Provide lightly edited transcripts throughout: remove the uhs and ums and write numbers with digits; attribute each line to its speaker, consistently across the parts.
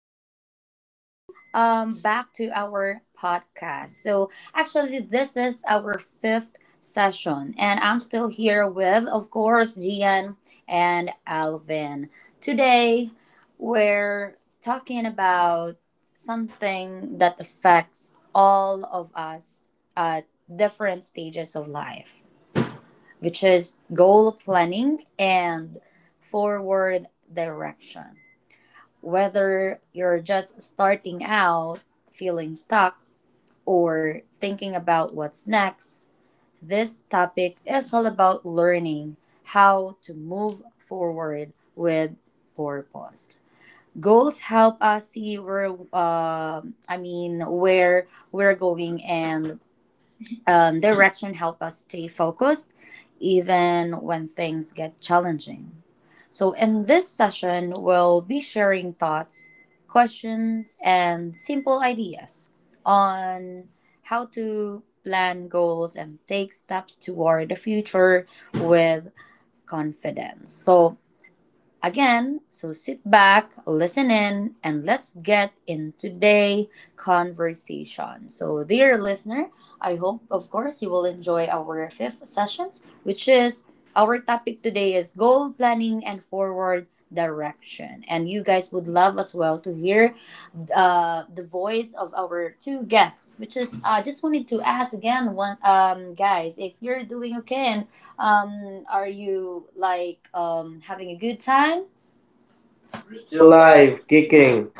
Speaker 1: everyone, and welcome back to our podcast. This is our fifth session, and I'm still here with, of course, Gian and Alvin. Today, we're talking about something that affects all of us at different stages of life, which is goal planning and forward direction. Whether you're just starting out, feeling stuck, or thinking about what's next, this topic is all about learning how to move forward with purpose. Goals help us see where we're going, and direction help us stay focused even when things get challenging. So in this session, we'll be sharing thoughts, questions, and simple ideas on how to plan goals and take steps toward the future with confidence. Again, sit back, listen in, and let's get in today' conversation. So, dear listener, I hope, of course, you will enjoy our fifth sessions, which is our topic today is goal planning and forward direction. And you guys would love as well to hear the voice of our two guests, which is I just wanted to ask again, one guys, if you're doing okay and are you having a good time?
Speaker 2: We're
Speaker 1: We're
Speaker 2: still
Speaker 1: still live,
Speaker 2: live
Speaker 1: geeking.
Speaker 2: kicking!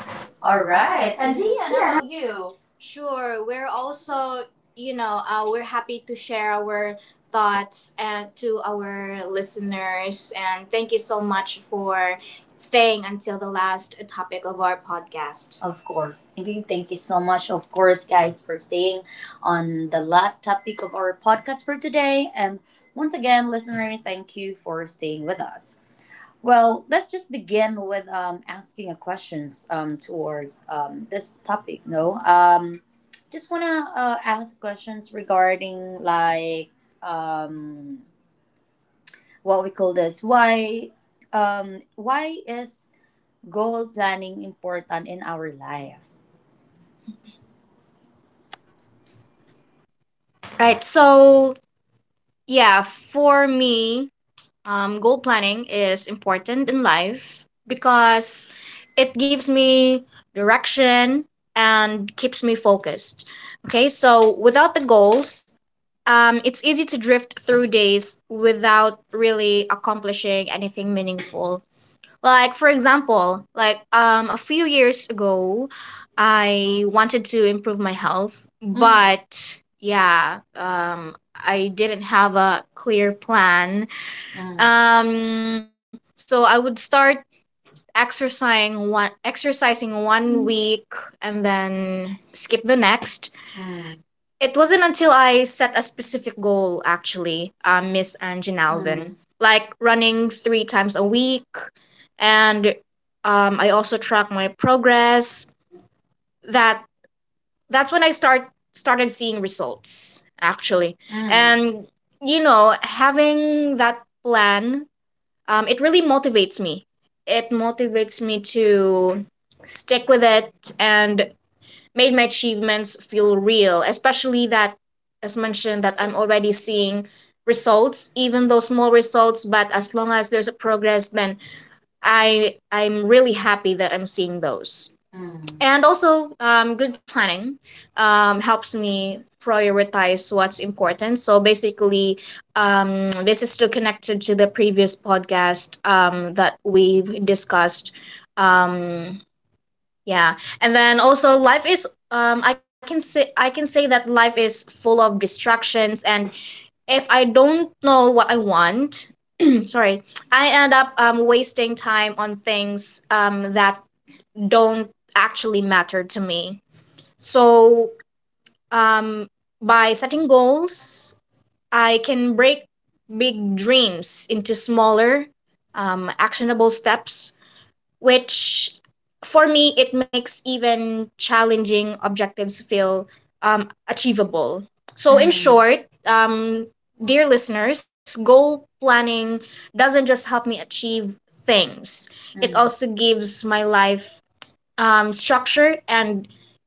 Speaker 1: All right. And Gian, how about you? Sure, we're also, you know, we're happy to share our thoughts and to our listeners. And thank you so much for staying until the last topic of our podcast. Of course. Indeed, thank you so much, of course, guys, for staying on the last topic of our podcast for today. And once again, listener, thank you for staying with us. Well, let's just begin with asking a questions towards this topic. No, just wanna ask questions regarding um, what we call this. Why is goal planning important in our life?
Speaker 3: Right. So, yeah, for me, goal planning is important in life because it gives me direction and keeps me focused. Okay. So, without the goals, it's easy to drift through days without really accomplishing anything meaningful. Like for example, like a few years ago, I wanted to improve my health. Mm. But yeah, I didn't have a clear plan. Um so I would start exercising one week and then skip the next. It wasn't until I set a specific goal, actually, Miss Angie, Mm. Alvin, Mm. like running three times a week, and I also track my progress. That that's when I started seeing results, actually, and you know, having that plan, it really motivates me. It motivates me to stick with it and made my achievements feel real, especially that, as mentioned, that I'm already seeing results, even though small results, but as long as there's a progress, then I'm really happy that I'm seeing those. And also, good planning helps me prioritize what's important. So basically, this is still connected to the previous podcast that we've discussed. um, yeah. And then also life is I can say that life is full of distractions, and if I don't know what I want, sorry, I end up wasting time on things that don't actually matter to me. So um by setting goals, I can break big dreams into smaller actionable steps, which for me it makes even challenging objectives feel achievable. So in short, um, dear listeners, goal planning doesn't just help me achieve things, it also gives my life structure, and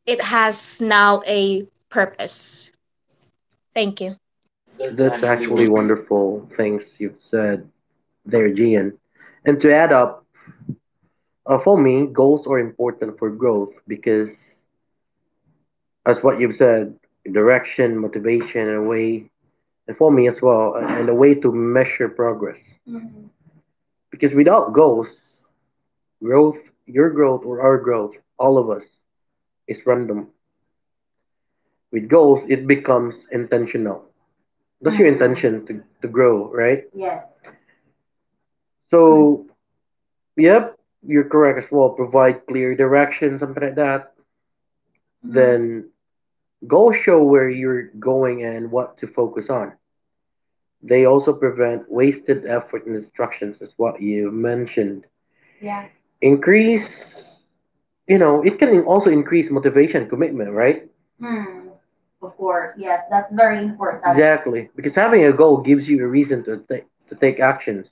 Speaker 3: it has now a purpose. Thank you.
Speaker 2: That's actually wonderful things you've said there Gian. And to add up, for me, goals are important for growth because, as what you've said, direction, motivation, and a way, and for me as well, and a way to measure progress. Because without goals, growth, your growth or our growth, all of us, is random. With goals, it becomes intentional. That's your intention to grow, right? So yep, you're correct as well. Provide clear direction, something like that. Mm-hmm. Then goals show where you're going and what to focus on. They also prevent wasted effort and distractions, is what you mentioned. Increase, you know, it can also increase motivation and commitment, right? Exactly, because having a goal gives you a reason to take actions,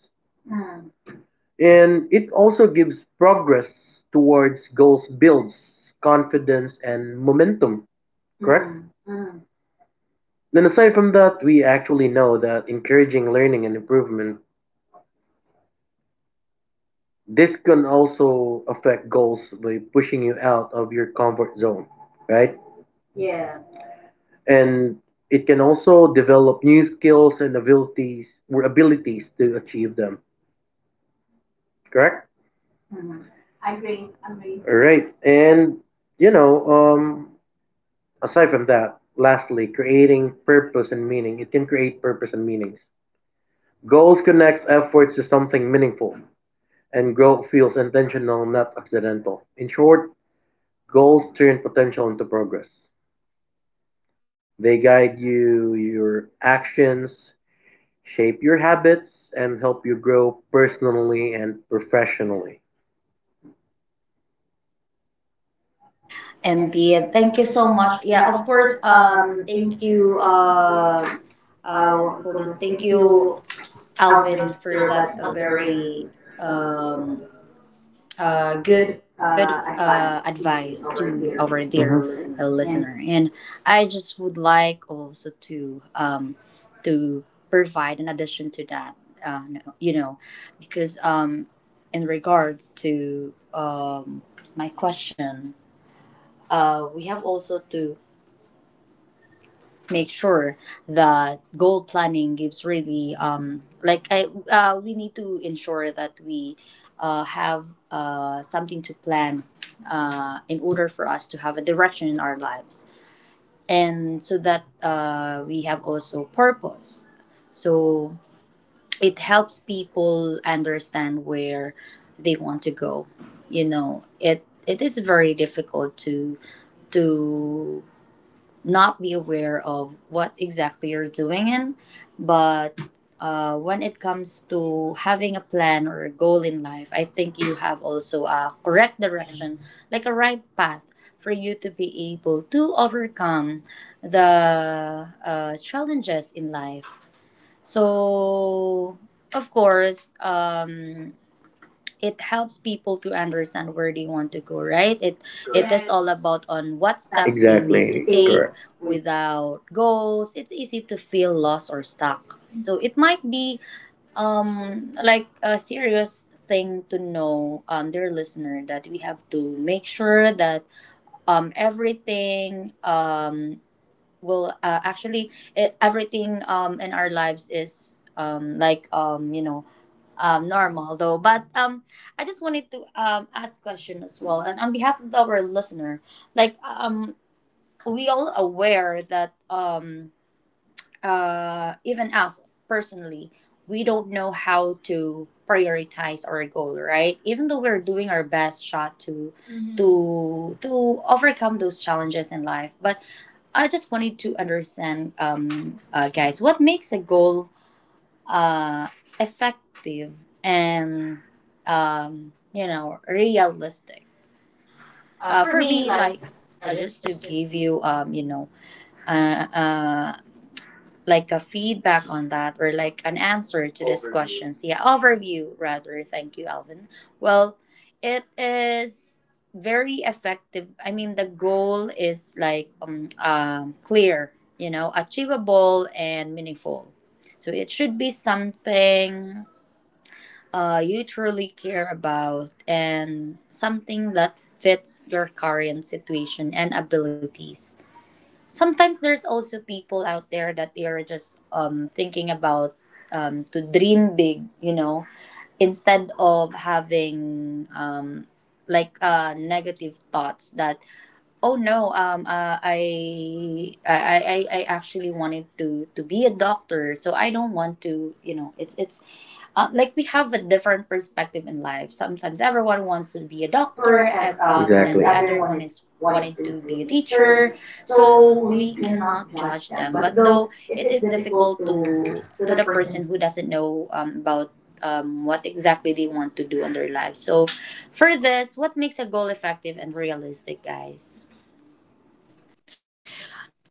Speaker 2: and it also gives progress towards goals, builds confidence and momentum, correct? Then aside from that, we actually know that encouraging learning and improvement, this can also affect goals by pushing you out of your comfort zone, right? And it can also develop new skills and abilities or abilities to achieve them, correct? All right. And you know, um aside from that, lastly, creating purpose and meaning. It can create purpose and meanings. Goals connects efforts to something meaningful, and growth feels intentional, not accidental. In short, goals turn potential into progress. They guide you, your actions, shape your habits, and help you grow personally and professionally.
Speaker 1: Indeed, thank you so much. Yeah, of course. Thank you. What we call this. Thank you, Alvin, for that very um good advice to our dear
Speaker 2: Mhm. And
Speaker 1: listener.
Speaker 2: what's
Speaker 1: And I just would like also to provide an addition to that, you know, because in regards to my question, we have also to make sure that goal planning gives really like I we need to ensure that we have something to plan, in order for us to have a direction in our lives, and so that we have also purpose. So it helps people understand where they want to go. You know, it is very difficult to to not be aware of what exactly you're doing in. But when it comes to having a plan or a goal in life, I think you have also a correct direction, like a right path for you to be able to overcome the challenges in life. So, of course, it helps people to understand where they want to go, right? It is all, yes, about on
Speaker 2: that?
Speaker 1: what steps they need to
Speaker 2: Exactly. They
Speaker 1: take.
Speaker 2: correct.
Speaker 1: Without goals it's easy to feel lost or stuck, so it might be a serious thing to know, dear listener, that we have to make sure that everything will actually, it, everything in our lives is you know, normal though. But I just wanted to ask question as well, and on behalf of our listener, like um, we all aware that even us personally, we don't know how to prioritize our goal, right? Even though we're doing our best shot to, mhm, to overcome those challenges in life, but I just wanted to understand, guys, what makes a goal uh, effective and, you know, realistic. For me, like
Speaker 3: For me, like,
Speaker 1: just to give
Speaker 3: just to
Speaker 1: you,
Speaker 3: be...
Speaker 1: you know, uh, uh, like a feedback on that or like an answer to these, overview, questions. Yeah, overview rather. Thank you, Alvin. Well, it is very effective. I mean, the goal is clear, you know, achievable and meaningful. So it should be something you truly care about and something that fits your current situation and abilities. Sometimes there's also people out there that they are just thinking about, to dream big, you know, instead of having negative thoughts that oh no, I actually wanted to be a doctor, so I don't want to, you know, it's like we have a different perspective in life. Sometimes everyone wants to be a
Speaker 2: Doctor
Speaker 1: doctor,
Speaker 2: and
Speaker 1: and
Speaker 2: exactly,
Speaker 1: the
Speaker 2: the other
Speaker 1: other one
Speaker 2: one is.
Speaker 1: is wanting to be a teacher. So we cannot judge them. But though it is difficult to, the person who doesn't know about what exactly they want to do in their life. So for this, what makes a goal effective and realistic, guys?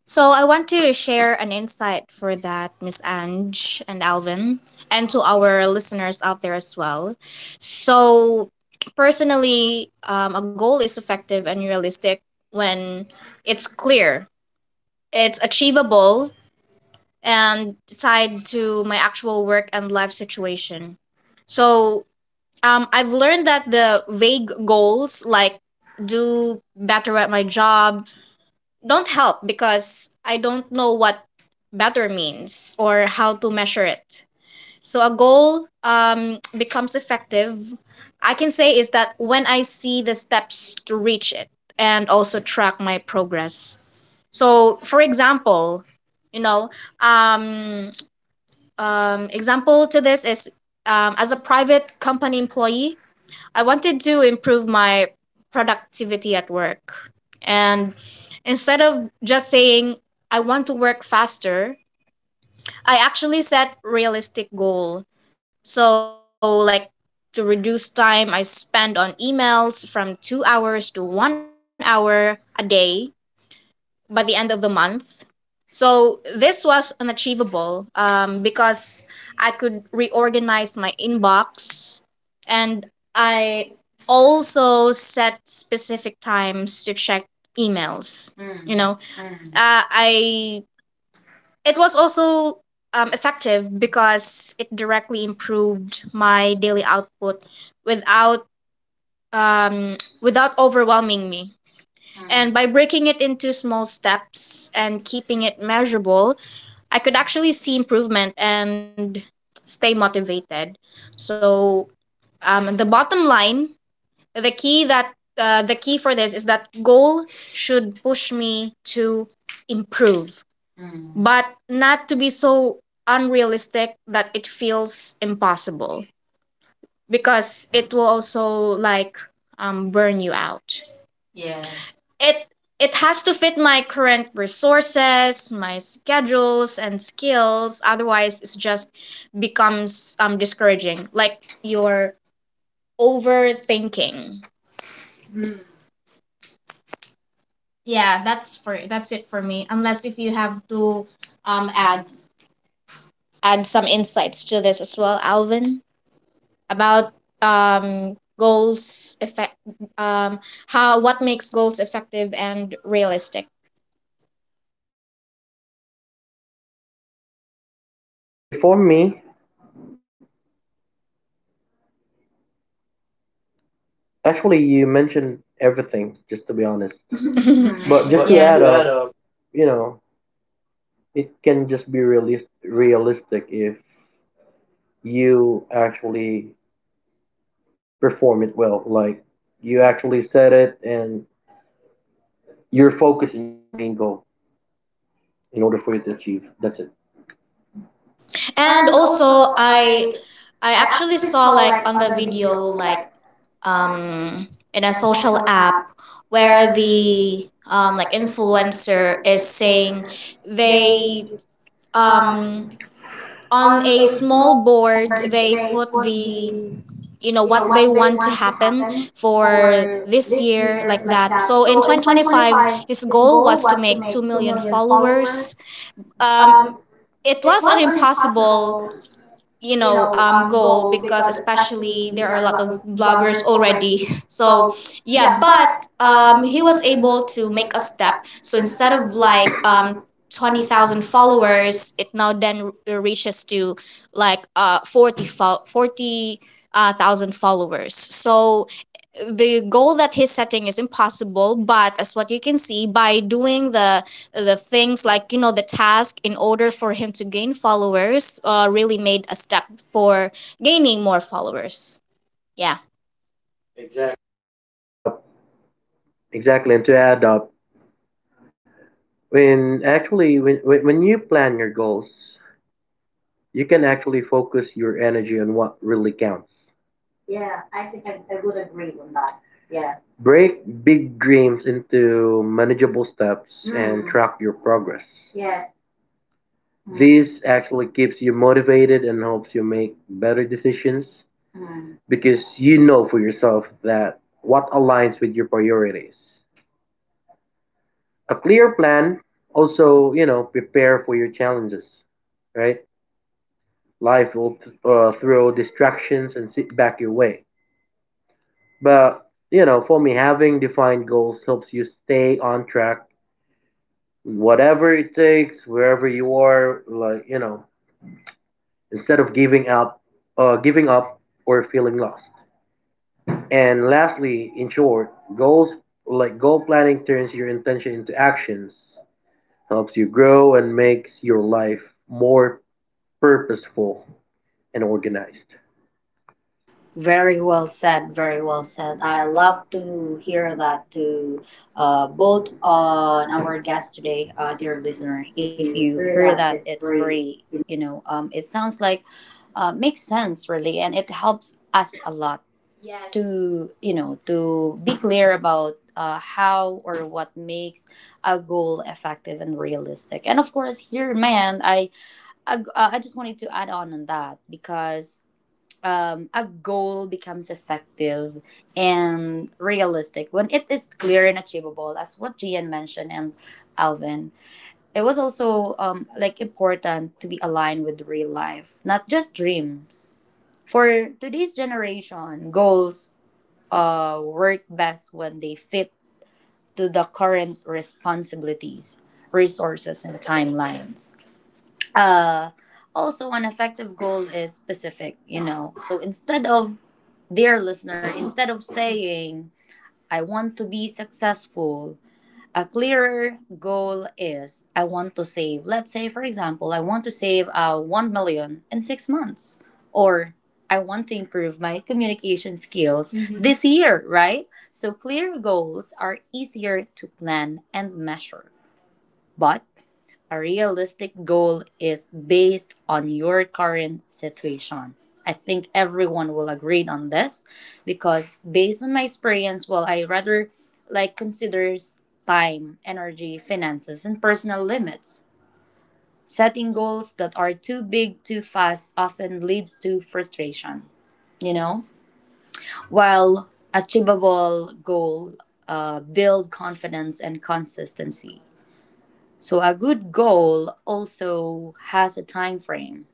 Speaker 3: So I want to share an insight for that, Miss Ange and Alvin, and to our listeners out there as well. So personally, a goal is effective and realistic when it's clear, it's achievable, and tied to my actual work and life situation. So I've learned that the vague goals like "do better at my job" don't help because I don't know what "better" means or how to measure it. So a goal becomes effective. I can say is that when I see the steps to reach it and also track my progress. So for example, you know, um, example to this is as a private company employee, I wanted to improve my productivity at work. And instead of just saying, "I want to work faster," I actually set realistic goal. So like to reduce time I spend on emails from 2 hours to 1 hour a day by the end of the month. So this was unachievable because I could reorganize my inbox, and I also set specific times to check emails. Mm. You know, I it also effective because it directly improved my daily output without without overwhelming me. And by breaking it into small steps and keeping it measurable, I could actually see improvement and stay motivated. So, the bottom line, the key that the key for this is that goal should push me to improve, but not to be so unrealistic that it feels impossible, because it will also like burn you out. It it has to fit my current resources, my schedules and skills. Otherwise, it's just becomes discouraging. Like you're overthinking. Yeah, that's for it for me. Unless if you have to um add add some insights to this as well, Alvin, about goals effect, um how, what makes goals effective and realistic.
Speaker 2: Okay, for me, actually, you mentioned everything, just to be
Speaker 3: Just to be
Speaker 2: honest.
Speaker 3: honest.
Speaker 2: But just to
Speaker 3: Yeah,
Speaker 2: add up, you know, it can just be realistic if you actually perform it well. Like you actually set it and you're focused on your main goal in order for you to achieve. That's it.
Speaker 3: and also I actually saw like on the video, like um in a social app where the like influencer is saying they um on a small board they put the you know what they want to happen for this year, like that. So in 2025 his goal was to make 2 million followers. um it was an impossible, you know, goal, because especially there are a lot of vloggers already. So yeah, but he was able to make a step. So instead of like 20,000 followers, it now then reaches to like 40 thousand followers. So the goal that he's setting is impossible, but as what you can see, by doing the things, like you know, the task in order for him to gain followers, really made a step for gaining more followers. Yeah. Exactly.
Speaker 2: Add up. Exactly. And to add up, when actually when you plan your goals, you can actually focus your energy on what really counts. Break big dreams into manageable steps, mm, and track your progress. Yes. Mm. This actually keeps you motivated and helps you make better decisions because you know for yourself that what aligns with your priorities. A clear plan also, you know, prepare for your challenges, right? Life will throw distractions and sit back your way. But, you know, for me, having defined goals helps you stay on track, whatever it takes, wherever you are, like, you know, instead of giving up or feeling lost. And lastly, in short, goals like goal planning turns your intention into actions, helps you grow and makes your life more purposeful and organized.
Speaker 1: Very well said, very well said. I love to hear that to both on our guest today, dear listener. If you hear that, it's very, you know, it sounds like makes sense really, and it helps us a lot, yes, to, you know, to be clear about how or what makes a goal effective and realistic. And of course, here, man, I just wanted to add on that because a goal becomes effective and realistic when it is clear and achievable, as what Gian mentioned and Alvin. It was also important to be aligned with real life, not just dreams. For today's generation, goals work best when they fit to the current responsibilities, resources, and timelines. Uh, Also, an effective goal is specific, you know. So instead of, dear listener, instead of saying, I want to be successful, a clearer goal is, I want to save, let's say, for example, I want to save 1 million in 6 months, or I want to improve my communication skills, mhm, this year, right? So, clear goals are easier to plan and measure. But a realistic goal is based on your current situation. I think everyone will agree on this because based on my experience, well, I rather like considers time, energy, finances, and personal limits. Setting goals that are too big too fast often leads to frustration, you know? While achievable goal build confidence and consistency. So a good goal also has a time frame.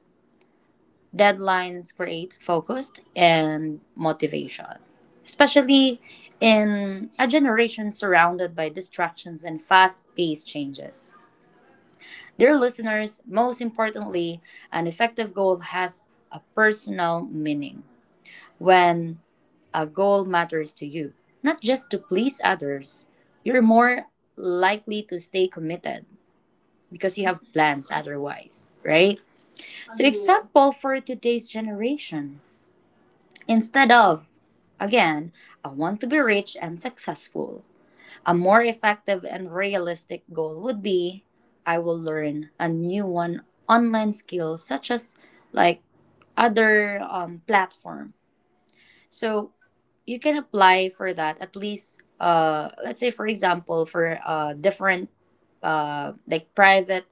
Speaker 1: Deadlines create focus and motivation, especially in a generation surrounded by distractions and fast-paced changes. Dear listeners, most importantly, an effective goal has a personal meaning. When a goal matters to you, not just to please others, you're more likely to stay committed because you have plans otherwise, right? So, example for today's generation. Instead of, again, I want to be rich and successful, a more effective and realistic goal would be I will learn a new one online skill such as like other platform, so you can apply for that at least, let's say for example, for different private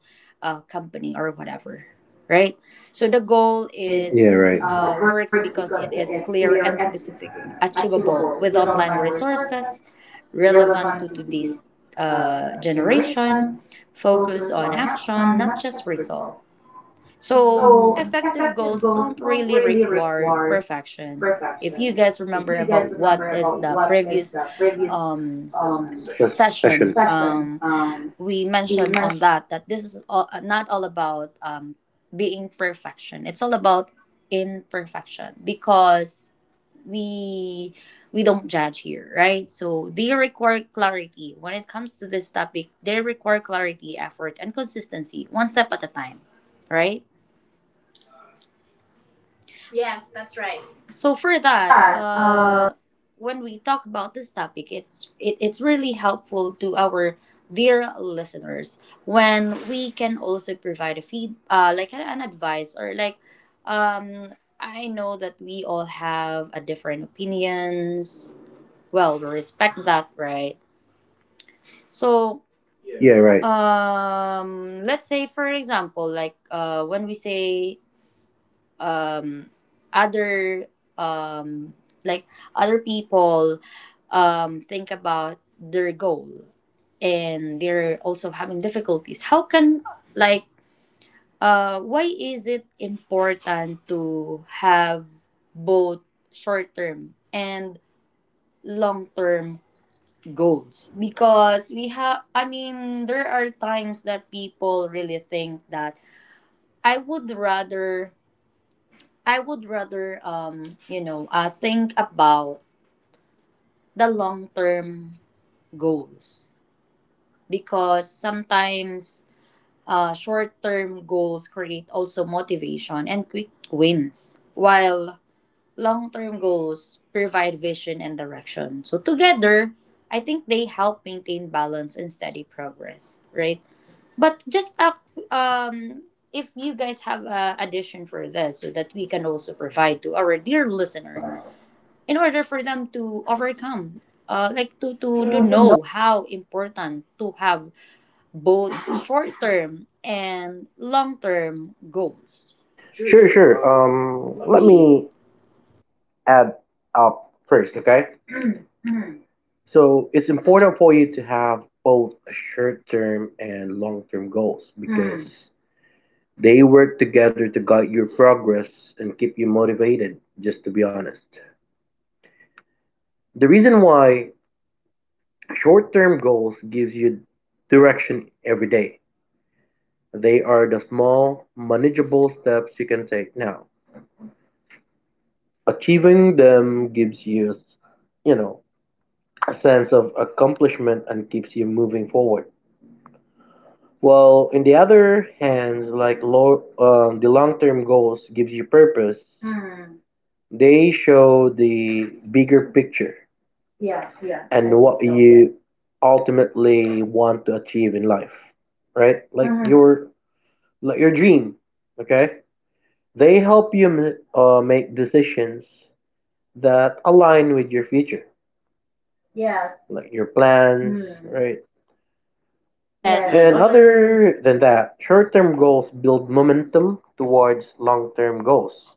Speaker 1: company or whatever, right? So the goal, is
Speaker 2: Yeah,
Speaker 1: yeah,
Speaker 2: right.
Speaker 1: right, works because it is clear and specific, achievable with online resources, relevant to today's generation, focus on action, not just result. So, effective goals don't really require perfection. If you guys remember about what is the previous um,
Speaker 2: Ses- session.
Speaker 1: session, we mentioned on that that this is all, not all about being perfection. It's all about imperfection because we we don't judge here, right? So they require clarity. When it comes to this topic, they require clarity, effort, and consistency, one step at a time, right? Yes, that's right. So for that, when we talk about this topic, it's really helpful to our dear listeners when we can also provide a an advice or like, um I know that we all have a different opinions, well we respect that, right? So,
Speaker 2: Yeah,
Speaker 1: yeah, right,
Speaker 2: right.
Speaker 1: let's say for example, like when we say, um other, um like other people think about their goal, and they're also having difficulties. How can, like, why is it important to have both short term and long term goals? Because we have, I mean, there are times that people really think that i would rather I would rather, you know, think about the long term goals. Because sometimes short term goals create also motivation and quick wins, while long term goals provide vision and direction. So, together, I think they help maintain balance and steady progress, right? But just um, if you guys have a addition for this so that we can also provide to our dear listener in order for them to overcome, to know how important to have both short term and long term goals. Sure,
Speaker 2: Sure,
Speaker 1: sure.
Speaker 2: sure.
Speaker 1: Let
Speaker 2: Let
Speaker 1: me
Speaker 2: me add up first, okay? So it's important for you to have both short term and long term goals because, mm, they work together to guide your progress and keep you motivated, just to be honest. The reason why short-term goals gives you direction every day. They are the small, manageable steps you can take now. Achieving them gives you, you know, a sense of accomplishment and keeps you moving forward. While in the other hands, like low, the long-term goals gives you purpose. They show the bigger picture and what think, yeah, you ultimately want to achieve in life, right? Yeah. Like your dream, okay? They help you make decisions that align with your future, like your plans, right?
Speaker 1: yes and
Speaker 2: And
Speaker 1: other.
Speaker 2: other than that, short-term goals build momentum towards long-term goals.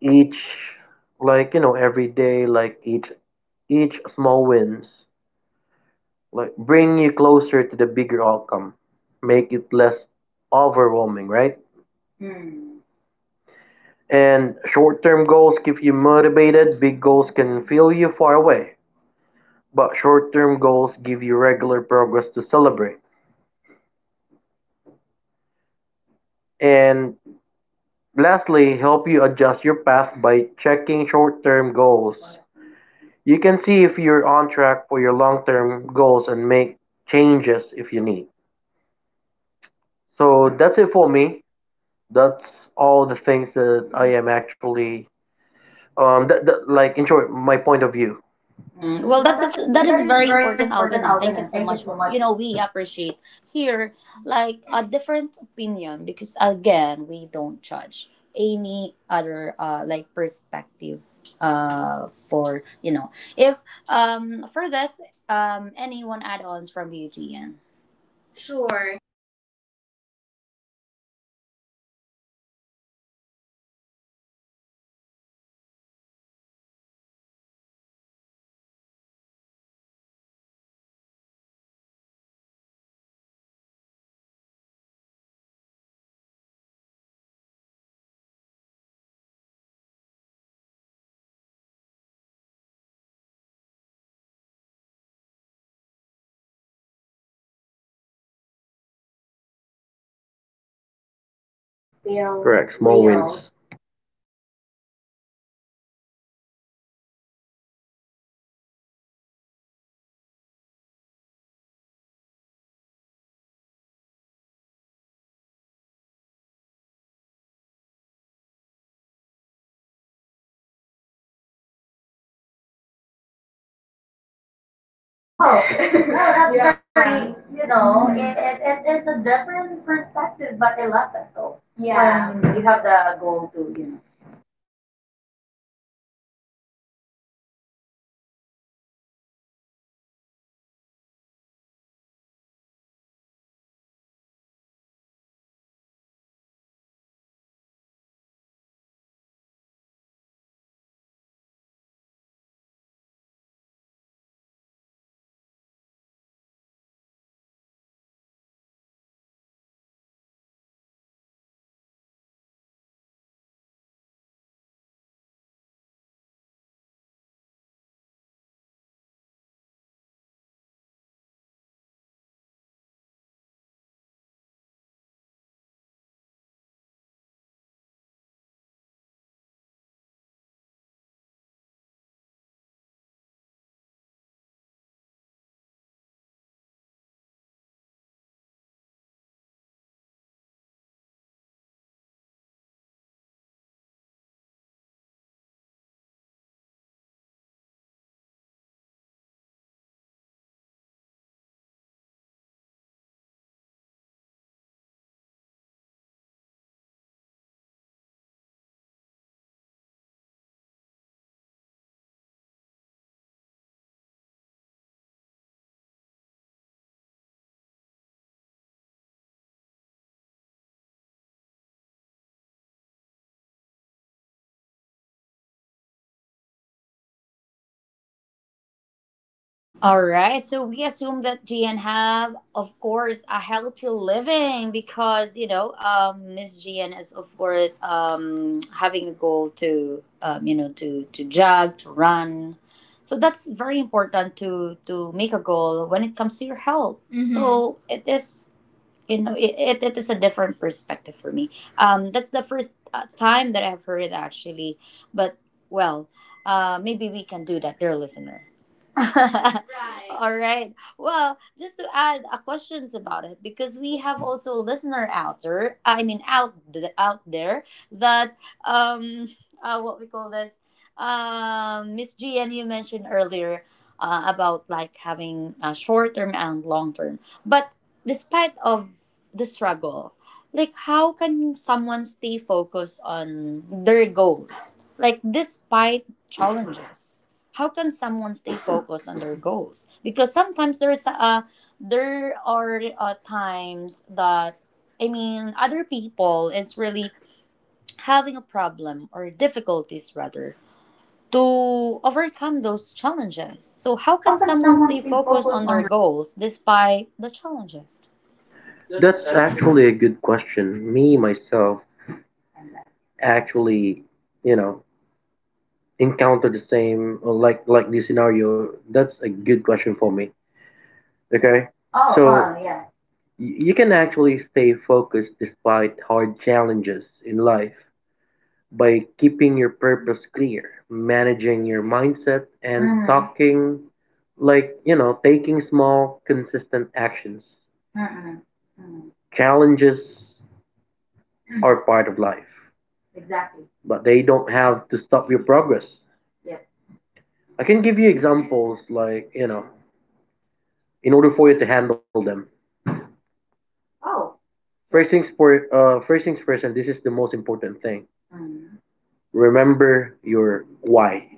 Speaker 2: Each like, you know, every day like each small wins like bring you closer to the bigger outcome, make it less overwhelming, right? And short term goals keep you motivated, big goals can feel you far away, but short term goals give you regular progress to celebrate. And lastly, help you adjust your path by checking short term goals. You can see if you're on track for your long term goals and make changes if you need. So that's it for me. That's all the things that I am actually— that like in short, my point of view.
Speaker 1: Mm, well, that is very important, Alvin, and thank you so much. You know, we appreciate here like a different opinion because again, we don't judge any other like perspective for you know if for this anyone add-ons from you, Gian? Sure.
Speaker 3: Sure. I would also like to add onto, you know, Alvin's point of... Sorry, Alvin's point of view regarding the short term and long term goals. So it's actually important because they work together to keep me focused and motivated. So he's right that short-term goals gives so it gives me small achievable steps that makes progress feel
Speaker 2: Correct, small
Speaker 3: real.
Speaker 2: wins.
Speaker 3: Yeah, small wins to be exact. So for example, if my long-term goal is to set in shape and run a 10 kilometer in 6 months, a short-term goal might be like running three times a week for 20 minutes. I think yeah. I think yeah. I would achieve that. Yeah. Mhm. Yeah. hmm Yeah, and hitting that short term goal gives me a sense of accomplishment and keeps me from feeling overwhelmed by the bigger goal. Yeah. And for the long term on the other hand, it gives me direction and purpose. So they're the reason I stick with my short term goals in the first place, based on the example that I gave earlier. So without the 10 KE race in mind. Mm. I might not be motivated to lace up my shoes every week to run in like 20 minutes. It- Yes. It's like having a destination on a map. So, short term goals are the steps I make each day, but the long term goal is the city that I am aiming for. So, for me to summarize, short-term goals keeps me consistent and motivated day to day, and then long-term goals keeps me moving towards something meaningful. So both are, I can say it's necessary. So again, without the short-term goals, long-term goals feels too far away, and without the long-term goals, I can say that short-term goals feels like it's a busy and heavy work. Yeah, thank you.
Speaker 1: All right, so we assume that GN have, of course, a healthy living because you know Miss GN is of course having a goal to you know to jog to run, so that's very important to make a goal when it comes to your health. Mhm. So it is it is a different perspective for me. That's the first time that I've heard it actually, but well, maybe we can do that, dear listener. Right. All right. Well, just to add a questions about it because we have also a listener outer, I mean out there that what we call this Miss G and you mentioned earlier about like having short term and long term. But despite of the struggle, like how can someone stay focused on their goals? Like despite challenges how can someone stay focused on their goals? Because sometimes there are times that I mean other people is really having a problem or difficulties rather to overcome those challenges. So how can someone stay focused on their goals despite the challenges?
Speaker 2: That's actually a good question. Me myself actually, you know, encounter the same or like this scenario. That's a good question for me. Okay, so Y- you can actually stay focused despite hard challenges in life by keeping your purpose clear, managing your mindset, and talking like, you know, taking small, consistent actions. Challenges are part of life, but they don't have to stop your progress. I can give you examples like, you know, in order for you to handle them. First things first, and this is the most important thing. Remember your why.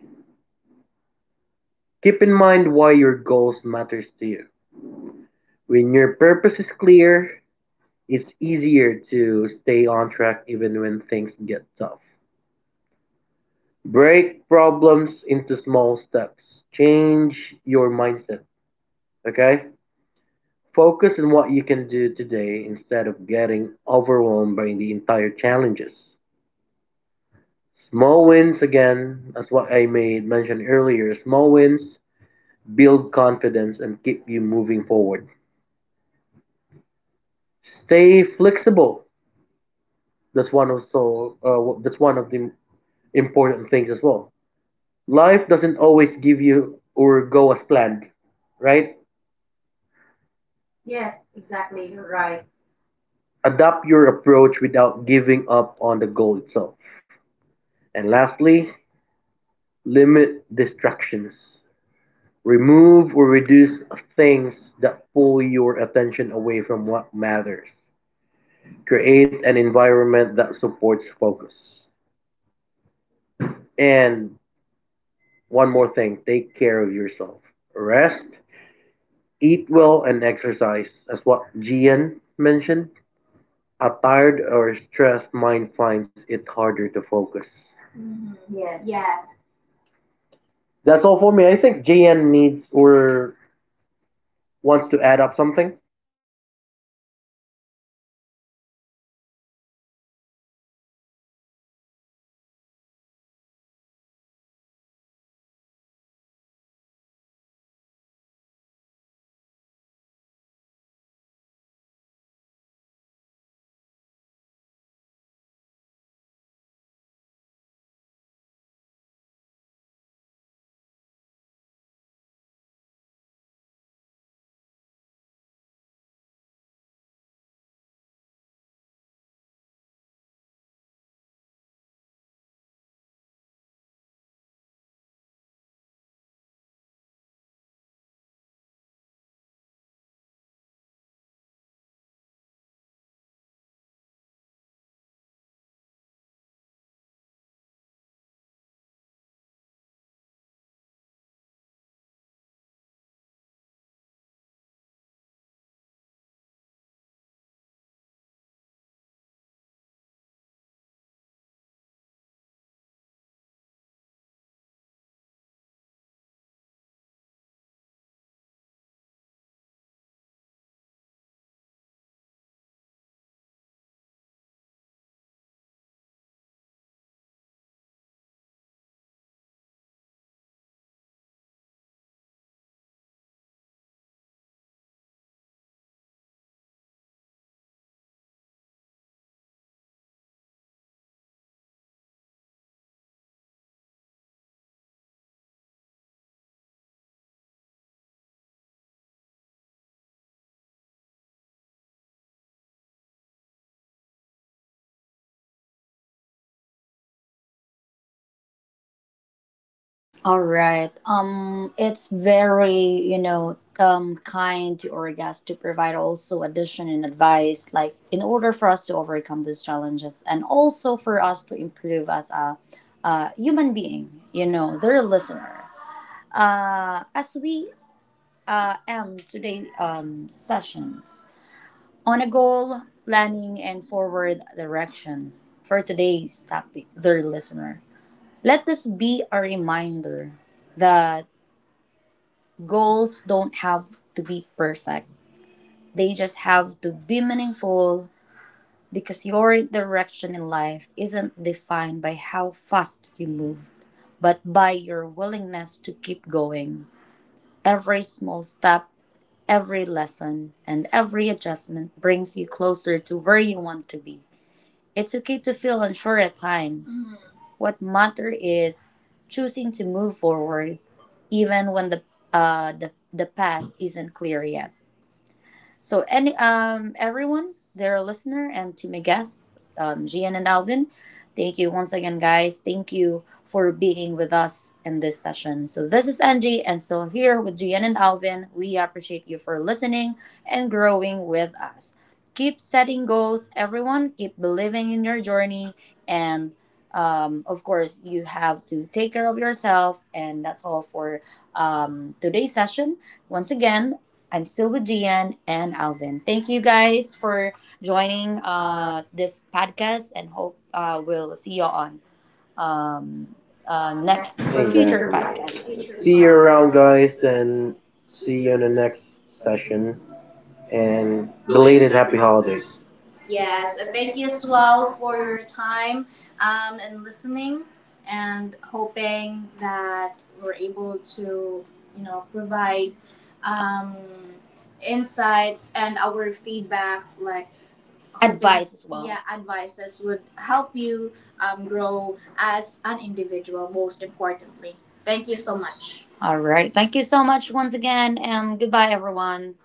Speaker 2: Keep in mind why your goals matters to you. When your purpose is clear, it's easier to stay on track even when things get tough. Break problems into small steps. Change your mindset, okay? Focus on what you can do today instead of getting overwhelmed by the entire challenges. Small wins again, as what I made mention earlier, small wins build confidence and keep you moving forward. Stay flexible. That's one of the important things as well. Life doesn't always give you or go as planned, right? Adapt your approach without giving up on the goal itself. And lastly, limit distractions. Remove or reduce things that pull your attention away from what matters. Create an environment that supports focus. And one more thing, take care of yourself. Rest, eat well, and exercise. As what Gian mentioned, a tired or stressed mind finds it harder to focus.
Speaker 3: That's all
Speaker 2: That's
Speaker 3: for...
Speaker 2: all for me. I think Gian needs or wants to add up something.
Speaker 3: Yeah, thanks for that, Alvin. So yeah, all I can say is that even when faced with, you know, distractions and setbacks, we can stay focused by, you know, breaking tasks into smaller, manageable steps rather than trying to tackle everything at once. So what I'm saying is that we need to set clear priorities and remind ourselves of the purpose behind the work. So, which, you know, it keeps us or which keeps motivation from fading when challenges arise. So, regular short breaks help prevent burnout, and creating an environment with minimal distractions, like turning off notifications or organizing the workplace. Um, so this supports sustained attention for me personally. So importantly, um, we acknowledge that focus will naturally fluctuate and don't let occasional lapses lead to guilt. Okay, so instead, we gently redirect ourselves back to the task and understanding that consistency matters more than perfection, as what we are always reminding into every podcast if you were able to listen to the previous four podcast. So over time these small habits build resilience against the inevitable obstacles that come with any demanding goals. So yeah.
Speaker 1: All right. It's very kind to our guests to provide also addition and advice, like in order for us to overcome these challenges and also for us to improve as a, human being. You know, they're a listener. As we end today sessions on a goal planning and forward direction for today's topic, their listener. Let this be a reminder that goals don't have to be perfect. They just have to be meaningful because your direction in life isn't defined by how fast you move, but by your willingness to keep going. Every small step, every lesson, and every adjustment brings you closer to where you want to be. It's okay to feel unsure at times. Mhm. What matters is choosing to move forward, even when the path isn't clear yet. So any everyone, dear listener, and to my guests, Gian and Alvin, thank you once again, guys. Thank you for being with us in this session. So this is Angie, and still here with Gian and Alvin. We appreciate you for listening and growing with us. Keep setting goals, everyone. Keep believing in your journey, and of course, you have to take care of yourself. And that's all for today's session. Once again, I'm still with Gian and Alvin. Thank you guys for joining this podcast and hope we'll see you on um, next for future
Speaker 2: Exactly.
Speaker 1: podcasts. See
Speaker 2: See
Speaker 1: you
Speaker 2: you
Speaker 1: around,
Speaker 2: around,
Speaker 1: guys,
Speaker 2: guys.
Speaker 1: and
Speaker 2: Then see
Speaker 1: see you
Speaker 2: you in the
Speaker 1: in the
Speaker 2: next
Speaker 1: next session
Speaker 2: session.
Speaker 1: and
Speaker 2: And
Speaker 1: belated
Speaker 2: belated
Speaker 1: happy
Speaker 2: happy holidays.
Speaker 1: holidays. Yes, and thank you as well for your time and listening, and hoping that we're able to, you know, provide um, insights and our feedbacks, like advice as well. Yeah, advices would help you grow as an individual. Most importantly, thank you so much. All right. Thank you so much once again, and goodbye, everyone.